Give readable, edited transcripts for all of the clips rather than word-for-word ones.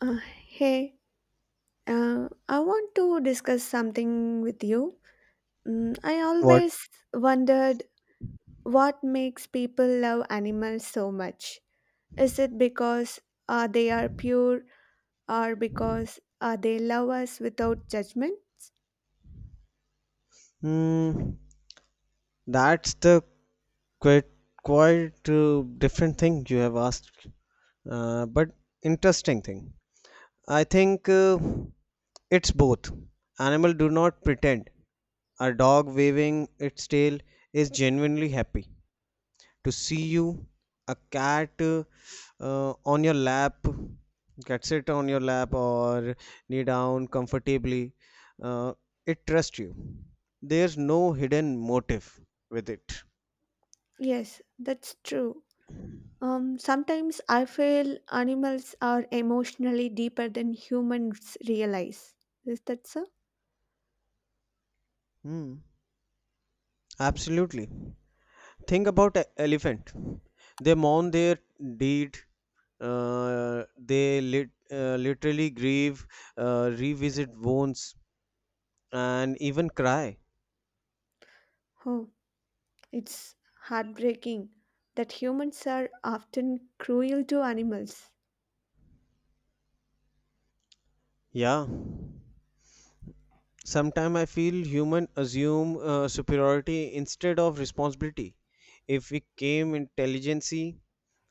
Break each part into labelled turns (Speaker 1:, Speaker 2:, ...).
Speaker 1: Uh, Hey, I want to discuss something with you. I
Speaker 2: What?
Speaker 1: always wondered what makes people love animals so much. Is it because they are pure or because they love us without judgment?
Speaker 2: Mm, that's the quite quite different thing you have asked, but interesting thing. I think it's both. Animal do not pretend. A dog waving its tail is genuinely happy to see you. A cat on your lap, cat sit on your lap or knee down comfortably, uh, it trusts you. There's no hidden motive with it.
Speaker 1: Yes, that's true. Sometimes I feel animals are emotionally deeper than humans realize. Is that so?
Speaker 2: Hmm, absolutely. Think about a elephant. They mourn their deed. They literally grieve, revisit wounds and even cry.
Speaker 1: Huh. It's heartbreaking that humans are often cruel to animals.
Speaker 2: Yeah. Sometimes I feel human assume superiority instead of responsibility. If we came intelligence,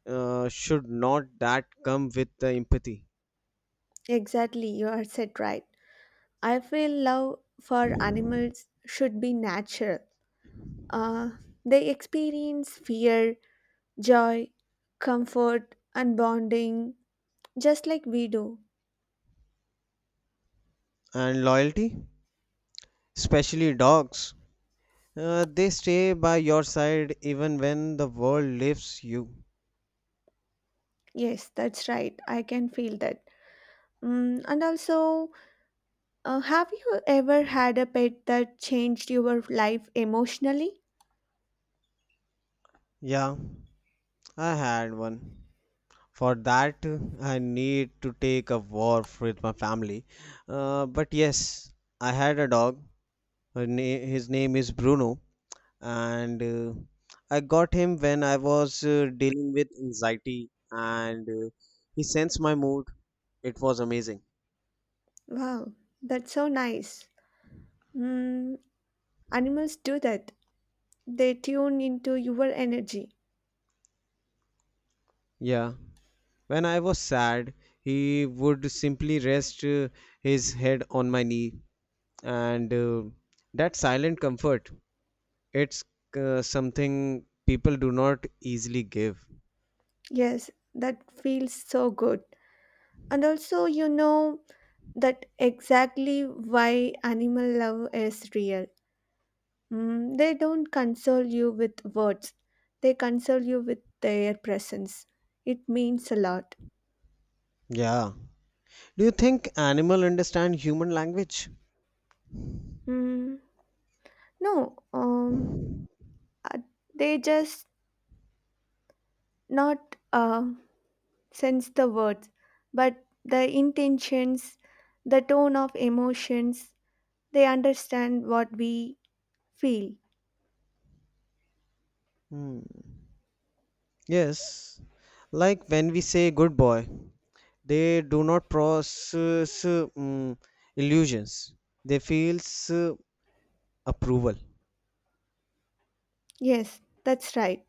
Speaker 2: should not that come with the empathy
Speaker 1: Exactly, you are said right. I feel love for animals should be natural. Uh, they experience fear, joy, comfort, and bonding just like we do.
Speaker 2: and loyalty? Especially dogs, they stay by your side even when the world leaves you.
Speaker 1: Yes, that's right. I can feel that. And also, have you ever had a pet that changed your life emotionally?
Speaker 2: Yeah, I had one. For that, I need to take a walk with my family. But yes, I had a dog. His name is Bruno, and I got him when I was dealing with anxiety, and he sensed my mood. It was amazing.
Speaker 1: Wow, that's so nice. Mm, Animals do that. They tune into your energy.
Speaker 2: Yeah. When I was sad, he would simply rest his head on my knee, and that silent comfort, it's something people do not easily give.
Speaker 1: Yes, that feels so good. And also, you know that exactly why animal love is real. They don't console you with words, they console you with their presence. It means a lot.
Speaker 2: Yeah. Do you think animal understand human language?
Speaker 1: Mm, no, uh, they just not sense the words, but the intentions, the tone of emotions, they understand what we feel.
Speaker 2: Hmm. Yes. Like when we say good boy, they do not process illusions. They feels uh, approval.
Speaker 1: Yes, that's right.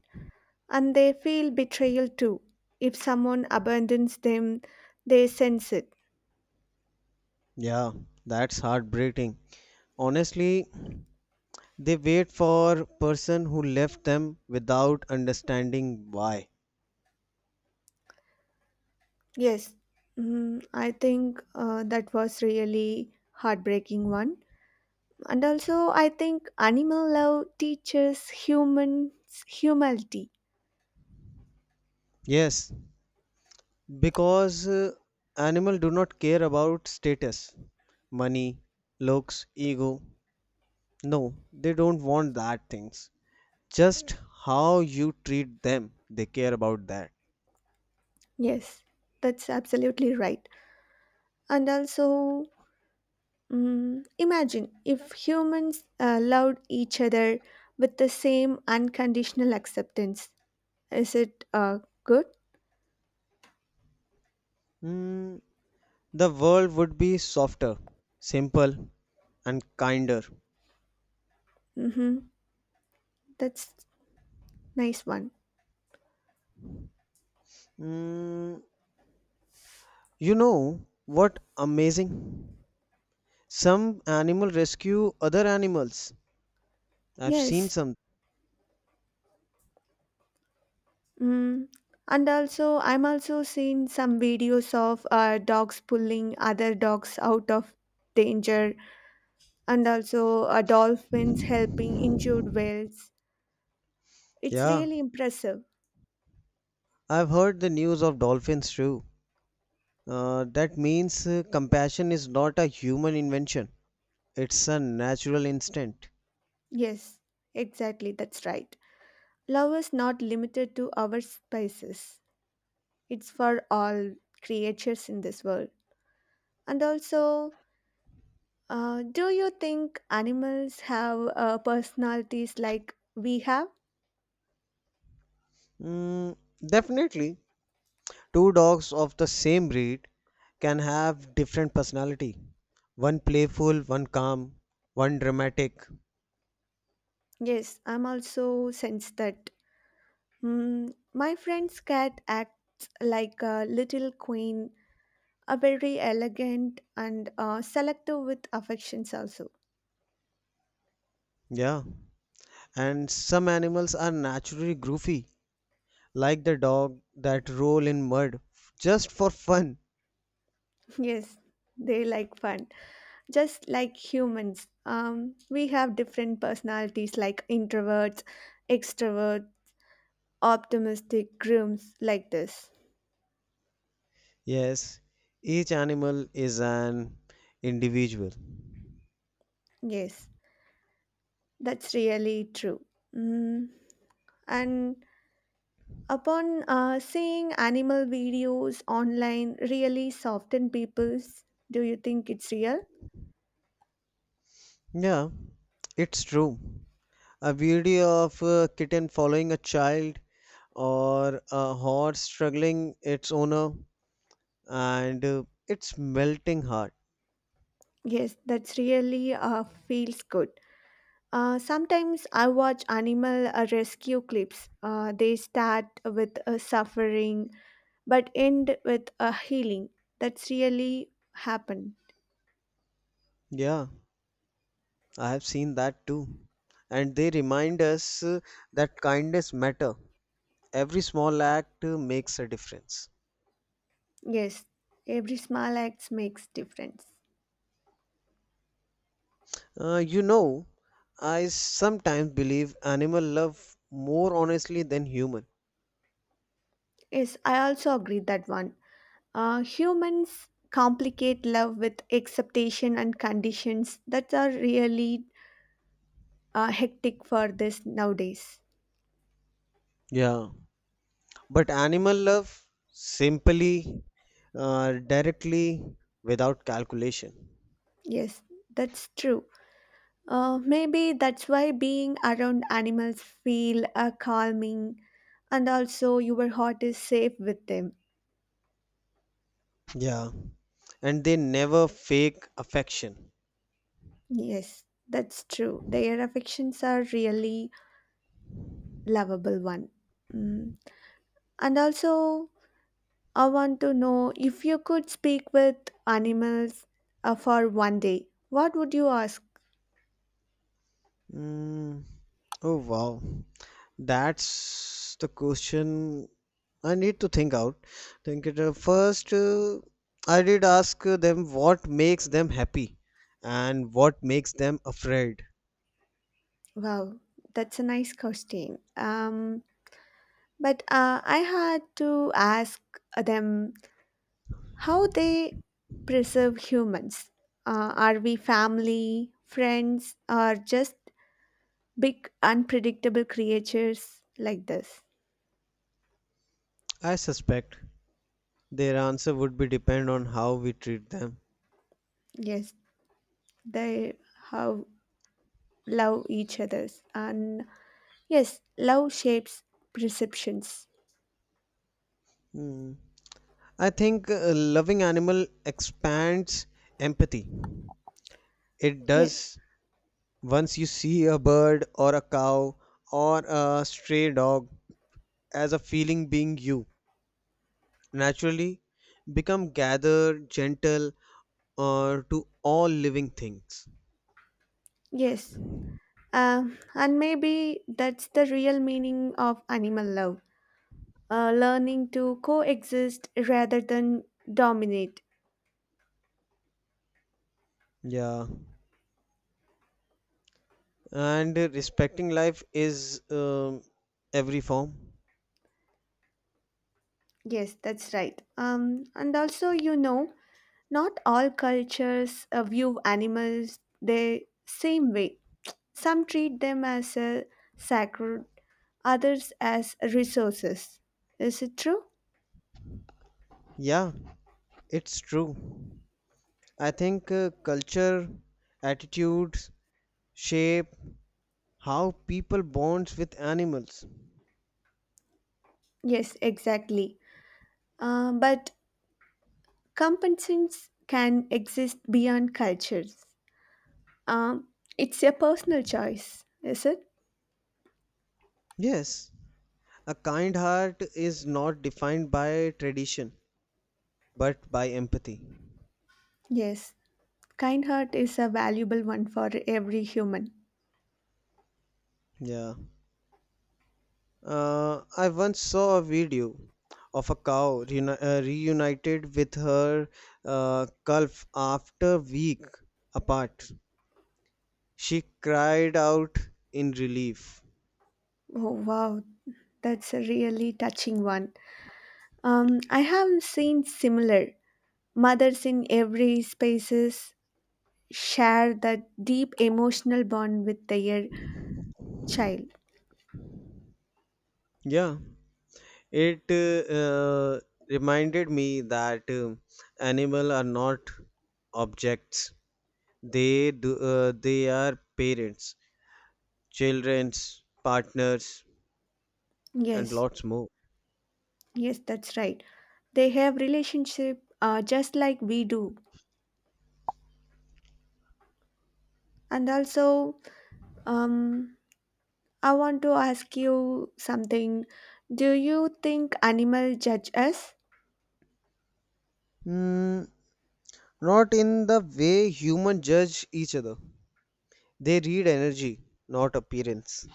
Speaker 1: And they feel betrayal too. If someone abandons them, they sense it.
Speaker 2: Yeah, that's heartbreaking, honestly. They wait for person who left them without understanding why.
Speaker 1: Yes, I think that was really heartbreaking one. And also, I think animal love teaches humans humility.
Speaker 2: Yes, because animal do not care about status, money, looks, ego. No, they don't want that things. Just how you treat them, they care about that.
Speaker 1: Yes, that's absolutely right. And also, imagine if humans loved each other with the same unconditional acceptance. Is it good?
Speaker 2: Hmm, the world would be softer, simple, and kinder.
Speaker 1: Mm-hmm. That's nice one.
Speaker 2: Mm, you know what amazing? Some animal rescue other animals. I've seen
Speaker 1: Yes.
Speaker 2: some.
Speaker 1: Mm. And also, I'm also seeing some videos of dogs pulling other dogs out of danger, and also dolphins helping injured whales. It's
Speaker 2: Yeah,
Speaker 1: really impressive.
Speaker 2: I've heard the news of dolphins too. That means compassion is not a human invention, it's a natural instinct.
Speaker 1: Yes, exactly. That's right. Love is not limited to our spaces. It's for all creatures in this world. And also, do you think animals have personalities like we have?
Speaker 2: Mm, definitely. Two dogs of the same breed can have different personality. One playful, one calm, one dramatic.
Speaker 1: Yes, I'm also sensed that. My friend's cat acts like a little queen, a very elegant and selective with affections also.
Speaker 2: Yeah. And some animals are naturally goofy, like the dog that roll in mud just for fun.
Speaker 1: Yes, they like fun, just like humans. We have different personalities like introverts, extroverts optimistic grooms like this.
Speaker 2: Yes, each animal is an individual.
Speaker 1: Yes, that's really true. Mm. And upon seeing animal videos online, really soften people's. Do you think it's real?
Speaker 2: Yeah, it's true. A video of a kitten following a child or a horse struggling its owner, and it's melting heart.
Speaker 1: Yes, that's really feels good. Sometimes I watch animal rescue clips. They start with suffering but end with a healing. That's really happened.
Speaker 2: Yeah, I have seen that too. And they remind us that kindness matter. Every small act makes a difference.
Speaker 1: Yes, every small act makes difference.
Speaker 2: You know, I sometimes believe animal love more honestly than human.
Speaker 1: Yes, I also agree that one. Humans complicate love with acceptation and conditions that are really hectic for this nowadays.
Speaker 2: Yeah. But animal love simply, directly, without calculation.
Speaker 1: Yes, that's true. Maybe that's why being around animals feel calming, and also your heart is safe with them.
Speaker 2: Yeah. And they never fake affection.
Speaker 1: Yes, that's true. Their affections are really lovable one. Mm. And also, I want to know if you could speak with animals for one day, what would you ask?
Speaker 2: Mm, oh wow, that's the question I need to think out. Think it first. I did ask them what makes them happy and what makes them afraid.
Speaker 1: Wow, that's a nice question. But I had to ask them how they preserve humans. Are we family, friends, or just big unpredictable creatures like this?
Speaker 2: I suspect their answer would be depend on how we treat them.
Speaker 1: Yes, they how love each others and yes, love shapes perceptions.
Speaker 2: Hmm. I think loving animal expands empathy. It
Speaker 1: Yeah.
Speaker 2: does. Once you see a bird or a cow or a stray dog as a feeling being, you naturally become gathered gentle or to all living things.
Speaker 1: Yes. And maybe that's the real meaning of animal love learning to coexist rather than dominate.
Speaker 2: Yeah, and respecting life is every form.
Speaker 1: Yes, that's right. And also, not all cultures view animals the same way. Some treat them as a sacred, others as resources. Is it true?
Speaker 2: Yeah, it's true. I think culture attitudes shape how people bonds with animals.
Speaker 1: Yes, exactly. But compensations can exist beyond cultures. Um, it's a personal choice, is it?
Speaker 2: Yes, a kind heart is not defined by tradition but by empathy.
Speaker 1: Yes. Kind heart is a valuable one for every human.
Speaker 2: Yeah. I once saw a video of a cow reunited with her calf after week apart. She cried out in relief.
Speaker 1: Oh, wow. That's a really touching one. I have seen similar. Mothers in every spaces share that deep emotional bond with their child.
Speaker 2: Yeah, it reminded me that animals are not objects. They do, they are parents, childrens, partners, and
Speaker 1: Yes,
Speaker 2: lots more.
Speaker 1: yes, that's right. They have relationship just like we do. And also, Um, I want to ask you something. Do you think animals judge us?
Speaker 2: Hmm, not in the way humans judge each other. They read energy, not appearance.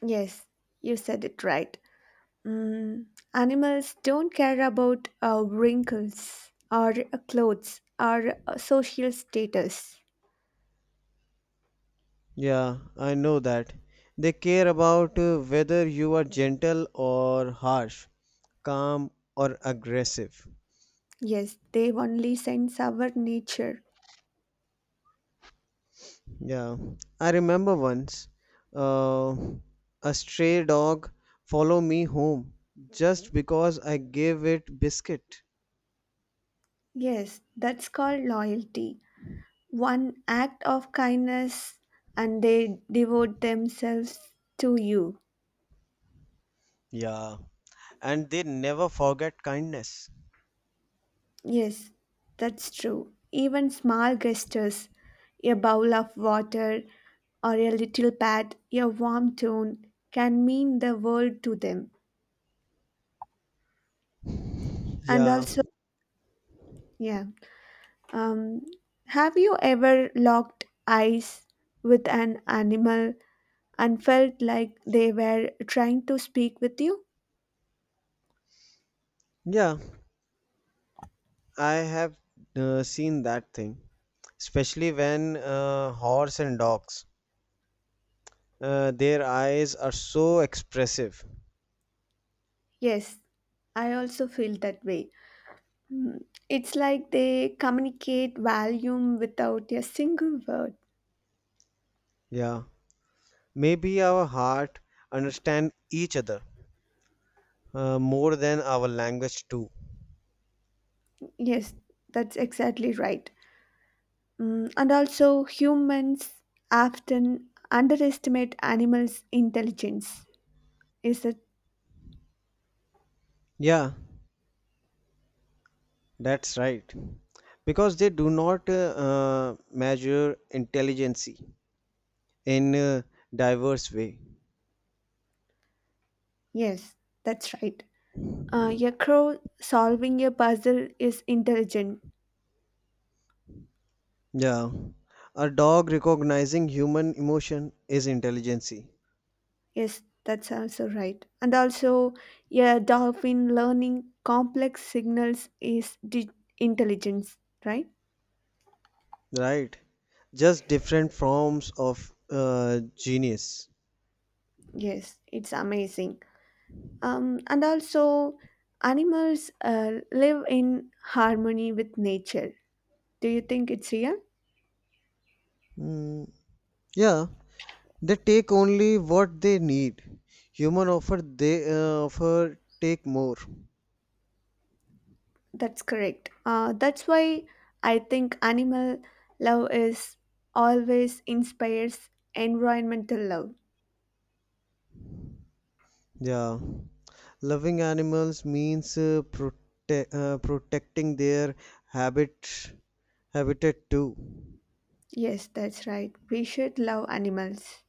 Speaker 1: Yes, you said it right. Mm, animals don't care about wrinkles or clothes or social status.
Speaker 2: Yeah, I know that. They care about whether you are gentle or harsh, calm or aggressive.
Speaker 1: Yes, they only sense our nature.
Speaker 2: Yeah, I remember once, uh, a stray dog followed me home just because I gave it biscuit.
Speaker 1: Yes, that's called loyalty. One act of kindness and they devote themselves to you.
Speaker 2: Yeah, and they never forget kindness.
Speaker 1: Yes, that's true. Even small gestures, a bowl of water or a little pat, a warm tone can mean the world to them. And
Speaker 2: Yeah,
Speaker 1: also, yeah. Um, have you ever locked eyes with an animal and felt like they were trying to speak with you?
Speaker 2: yeah. I have seen that thing, especially when horse and dogs, their eyes are so expressive.
Speaker 1: Yes, I also feel that way. It's like they communicate volume without a single word.
Speaker 2: Yeah, maybe our heart understand each other more than our language too.
Speaker 1: Yes, that's exactly right. And also, humans often underestimate animals' intelligence. Is it?
Speaker 2: Yeah, that's right. Because they do not measure intelligence in a diverse way.
Speaker 1: Yes, that's right. A crow solving a puzzle is intelligent.
Speaker 2: Yeah, a dog recognizing human emotion is intelligence.
Speaker 1: Yes, that's also right. And also, a dolphin learning complex signals is intelligence, right?
Speaker 2: Right. Just different forms of genius.
Speaker 1: Yes, it's amazing. And also, animals live in harmony with nature. Do you think it's real?
Speaker 2: Mm, yeah, they take only what they need. Human offer, they offer take more.
Speaker 1: That's correct. That's why I think animal love is always inspires environmental love.
Speaker 2: Yeah, loving animals means protecting their habit habitat too.
Speaker 1: Yes, that's right. We should love animals.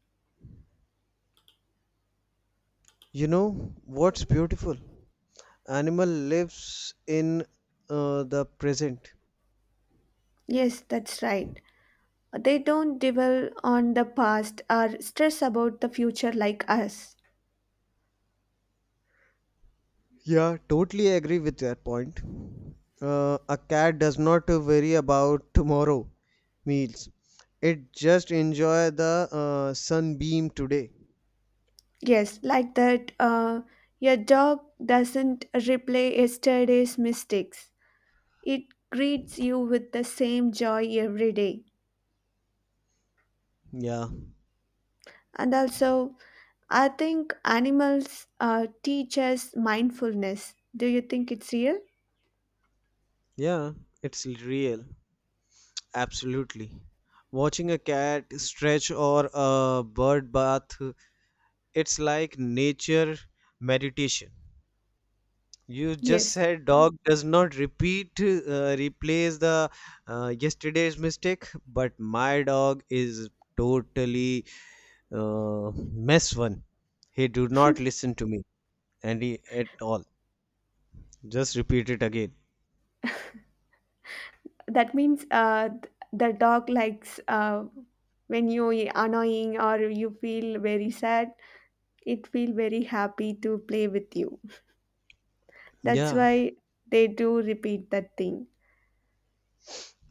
Speaker 2: You know what's beautiful? Animal lives in the present.
Speaker 1: Yes, that's right. They don't dwell on the past or stress about the future like us.
Speaker 2: Yeah, totally agree with that point. A cat does not worry about tomorrow meals. It just enjoy the sunbeam today.
Speaker 1: Yes, like that, your dog doesn't replay yesterday's mistakes. It greets you with the same joy every day.
Speaker 2: Yeah,
Speaker 1: And also, I think animals teach us mindfulness. Do you think it's real?
Speaker 2: yeah, it's real. Absolutely. Watching a cat stretch or a bird bath, it's like nature meditation. You just
Speaker 1: Yes.
Speaker 2: said dog does not repeat, replace the yesterday's mistake, but my dog is totally mess one. He do not listen to me and he at all. Just repeat it again.
Speaker 1: That means the dog likes when you are annoying or you feel very sad, it feel very happy to play with you. That's
Speaker 2: Yeah,
Speaker 1: why they do repeat that thing.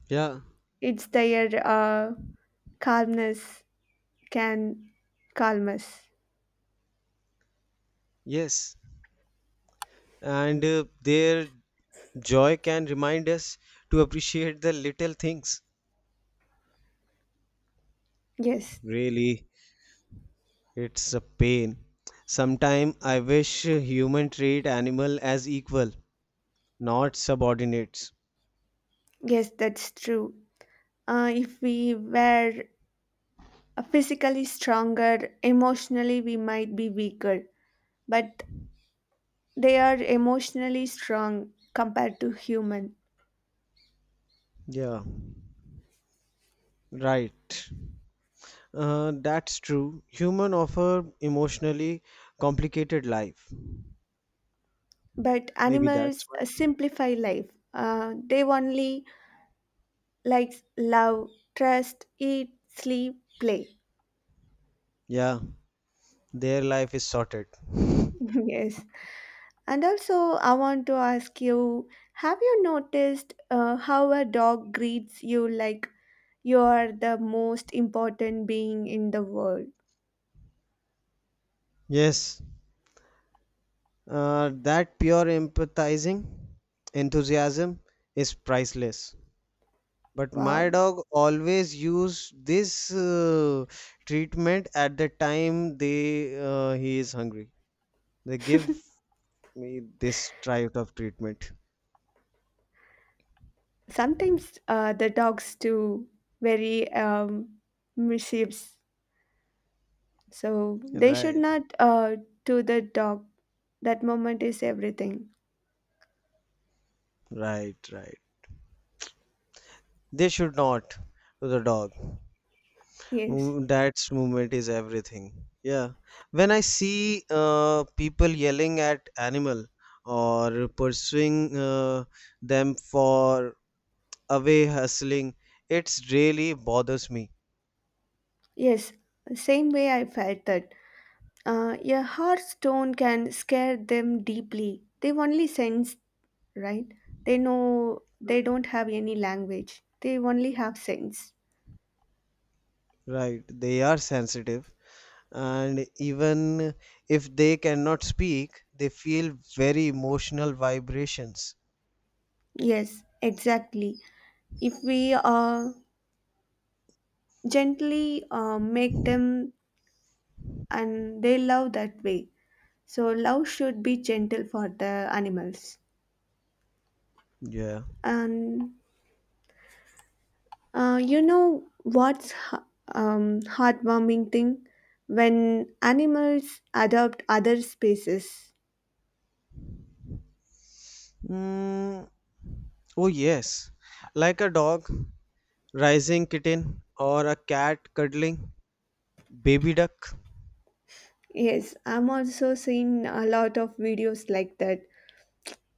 Speaker 2: yeah,
Speaker 1: It's their calmness can calm us.
Speaker 2: yes. And their joy can remind us to appreciate the little things.
Speaker 1: Yes,
Speaker 2: Really, it's a pain. Sometime I wish human treat animal as equal, not subordinates.
Speaker 1: yes, that's true. If we were physically stronger, emotionally we might be weaker, but they are emotionally strong compared to human.
Speaker 2: Yeah, right. That's true. Human offer emotionally complicated life.
Speaker 1: But
Speaker 2: Maybe that's
Speaker 1: animals
Speaker 2: why.
Speaker 1: simplify life. They only like love, trust, eat, sleep, play.
Speaker 2: Yeah, their life is sorted.
Speaker 1: Yes. And also, I want to ask you have you noticed how a dog greets you like you are the most important being in the world?
Speaker 2: Yes, that pure empathizing enthusiasm is priceless. But my
Speaker 1: Wow.
Speaker 2: dog always use this treatment at the time they he is hungry. They give me this type of treatment.
Speaker 1: Sometimes the dogs do very mischiefs. So they should
Speaker 2: Right.
Speaker 1: not do the dog. That moment is everything.
Speaker 2: Right, right. They should not to the dog.
Speaker 1: Yes.
Speaker 2: Mm, that's movement is everything. Yeah. When I see people yelling at animal or pursuing them for away hustling, it's really bothers me.
Speaker 1: Yes. Same way I felt that. A harsh tone can scare them deeply. They only sense right? They know they don't have any language, they only have sense.
Speaker 2: Right. They are sensitive, and even if they cannot speak, they feel very emotional vibrations.
Speaker 1: Yes, exactly. If we gently make them and they love that way. So, love should be gentle for the animals.
Speaker 2: Yeah.
Speaker 1: And you know what's heartwarming thing? When animals adopt other species.
Speaker 2: Mm, oh yes. Like a dog rising kitten or a cat cuddling baby duck.
Speaker 1: Yes, I'm also seeing a lot of videos like that.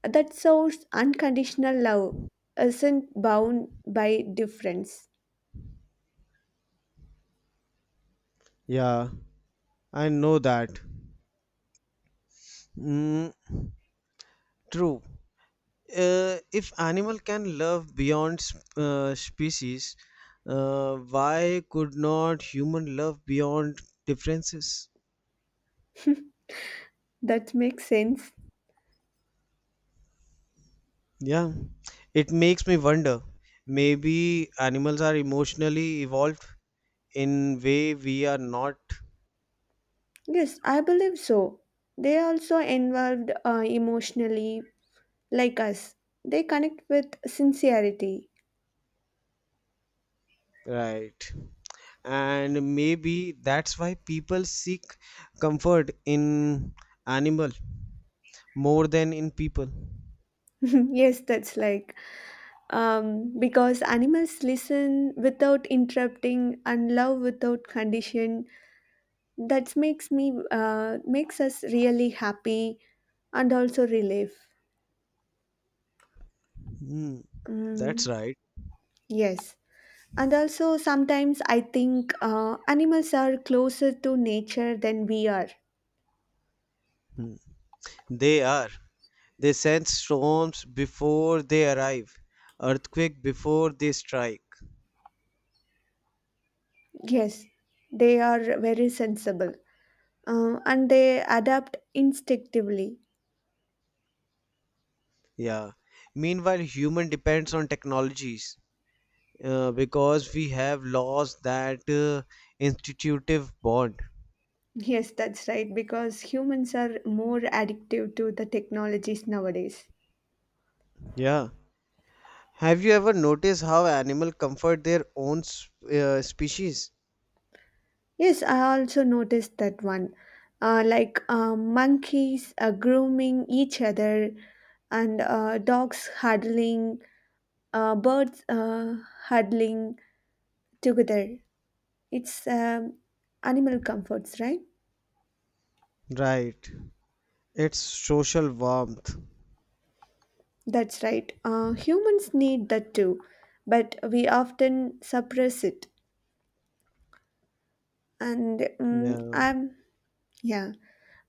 Speaker 1: That shows unconditional love isn't bound by difference.
Speaker 2: Yeah, I know that. Mm, true. If animal can love beyond species, why could not human love beyond differences?
Speaker 1: That makes sense.
Speaker 2: Yeah, it makes me wonder, maybe animals are emotionally evolved in way we are not.
Speaker 1: Yes, I believe so. They are also involved emotionally, like us. They connect with sincerity.
Speaker 2: Right. And maybe that's why people seek comfort in animal more than in people.
Speaker 1: Yes, that's like because animals listen without interrupting and love without condition. That makes me makes us really happy and also relief.
Speaker 2: Hmm. That's
Speaker 1: Mm,
Speaker 2: right.
Speaker 1: yes. And also, sometimes I think animals are closer to nature than we are.
Speaker 2: Hmm. They are. They sense storms before they arrive, earthquake before they strike.
Speaker 1: Yes, they are very sensible and they adapt instinctively.
Speaker 2: Yeah. Meanwhile, human depends on technologies because we have lost that institutive bond.
Speaker 1: Yes, that's right, because humans are more addictive to the technologies nowadays.
Speaker 2: Yeah. Have you ever noticed how animals comfort their own species?
Speaker 1: Yes, I also noticed that one. Like monkeys grooming each other, and dogs huddling, birds huddling together. It's animal comforts, right?
Speaker 2: Right. It's social warmth.
Speaker 1: That's right. Humans need that too, but we often suppress it. And
Speaker 2: Yeah.
Speaker 1: yeah,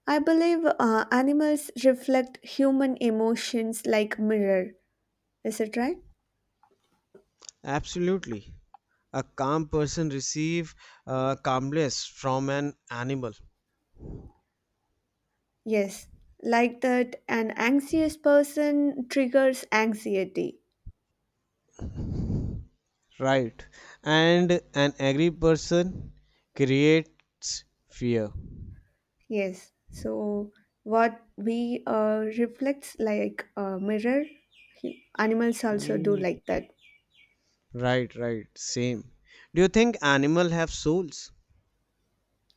Speaker 1: I believe animals reflect human emotions like mirror. Is it right?
Speaker 2: Absolutely. A calm person receive calmness from an animal.
Speaker 1: Yes, like that. An anxious person triggers anxiety.
Speaker 2: Right. And an angry person creates fear.
Speaker 1: Yes. So what we reflects like a mirror, hu- animals also do
Speaker 2: Mm.
Speaker 1: like that.
Speaker 2: Right, right. Same. Do you think animals have souls?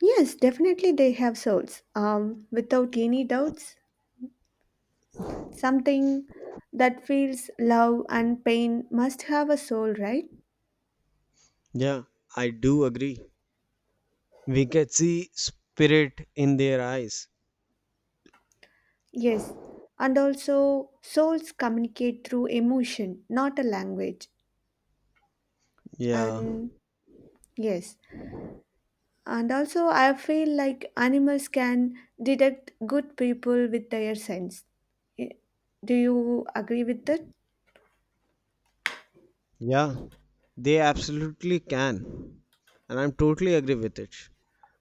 Speaker 1: Yes, definitely they have souls, without any doubts. Something that feels love and pain must have a soul, right?
Speaker 2: Yeah, I do agree. We can see spirit in their eyes.
Speaker 1: Yes, and also souls communicate through emotion, not a language.
Speaker 2: Yeah,
Speaker 1: And yes, and also I feel like animals can detect good people with their sense. Eh, Do you agree with that?
Speaker 2: yeah, they absolutely can, and I'm totally agree with it.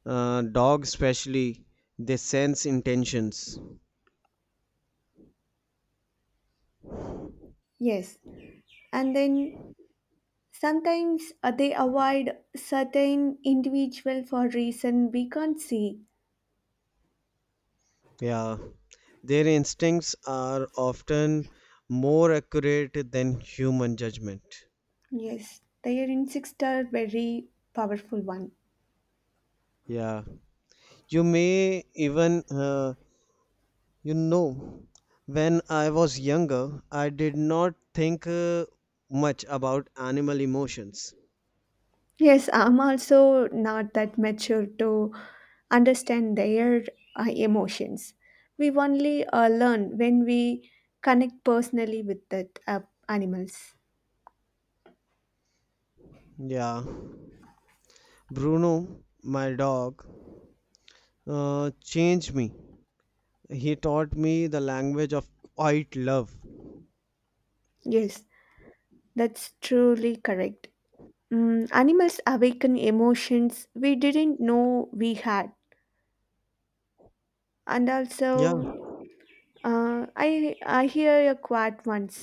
Speaker 2: Dogs, especially, they sense intentions.
Speaker 1: Yes, and then sometimes they avoid certain individual for reason we can't see.
Speaker 2: Yeah, their instincts are often more accurate than human judgment.
Speaker 1: Yes, their instincts are very powerful one.
Speaker 2: Yeah, you may even, you know, when I was younger, I did not think much about animal emotions.
Speaker 1: Yes, I'm also not that mature to understand their emotions. We only learn when we connect personally with that animals.
Speaker 2: Yeah. Bruno, my dog, changed me. He taught me the language of quiet love.
Speaker 1: Yes, that's truly correct. Animals awaken emotions we didn't know we had, and also.
Speaker 2: Yeah,
Speaker 1: I hear a quote once.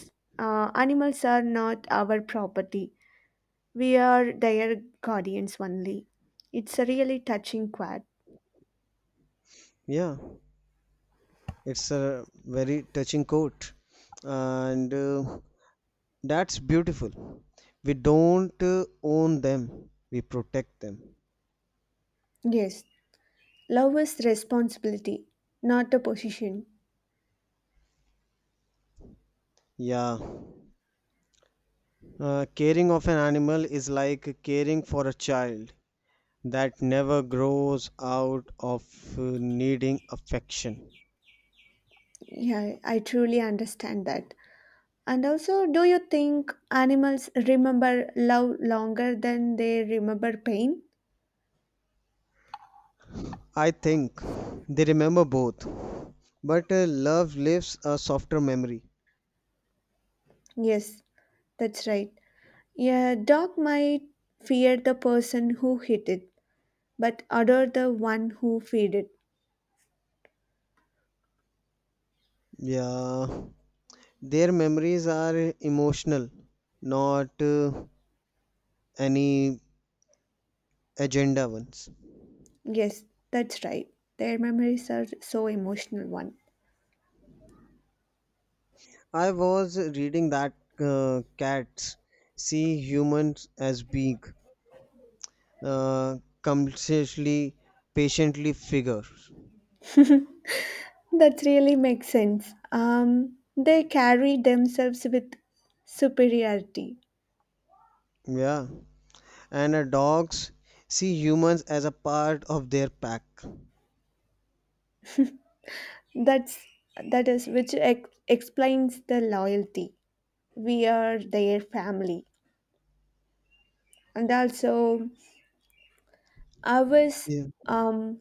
Speaker 1: Animals are not our property. We are their guardians only. It's a really touching quote.
Speaker 2: yeah. It's a very touching quote, and that's beautiful. We don't own them, we protect them.
Speaker 1: Yes, love is responsibility, not a position.
Speaker 2: Yeah. Caring of an animal is like caring for a child that never grows out of needing affection.
Speaker 1: Yeah, I truly understand that. And also, do you think animals remember love longer than they remember pain?
Speaker 2: I think they remember both, but love leaves a softer memory.
Speaker 1: Yes, that's right. Yeah, dog might fear the person who hit it but other the one who feed it.
Speaker 2: Yeah, their memories are emotional, not any agenda ones.
Speaker 1: Yes, that's right. Their memories are so emotional one.
Speaker 2: I was reading that cats see humans as being uh, consciously, patiently figures.
Speaker 1: That really makes sense. They carry themselves with superiority.
Speaker 2: Yeah, and dogs see humans as a part of their pack.
Speaker 1: That's that is which explains the loyalty. We are their family, and also ours. Um,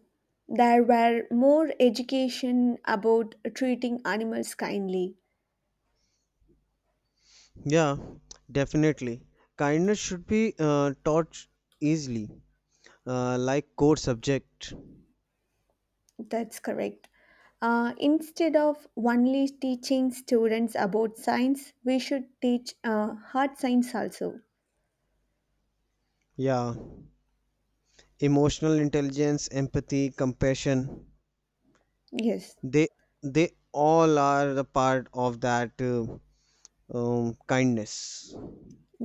Speaker 1: there were more education about treating animals kindly.
Speaker 2: Yeah, definitely. Kindness should be taught easily, like core subject.
Speaker 1: That's correct. Instead of only teaching students about science, we should teach hard science also.
Speaker 2: Yeah, emotional intelligence, empathy, compassion.
Speaker 1: Yes,
Speaker 2: They they all are a part of that kindness.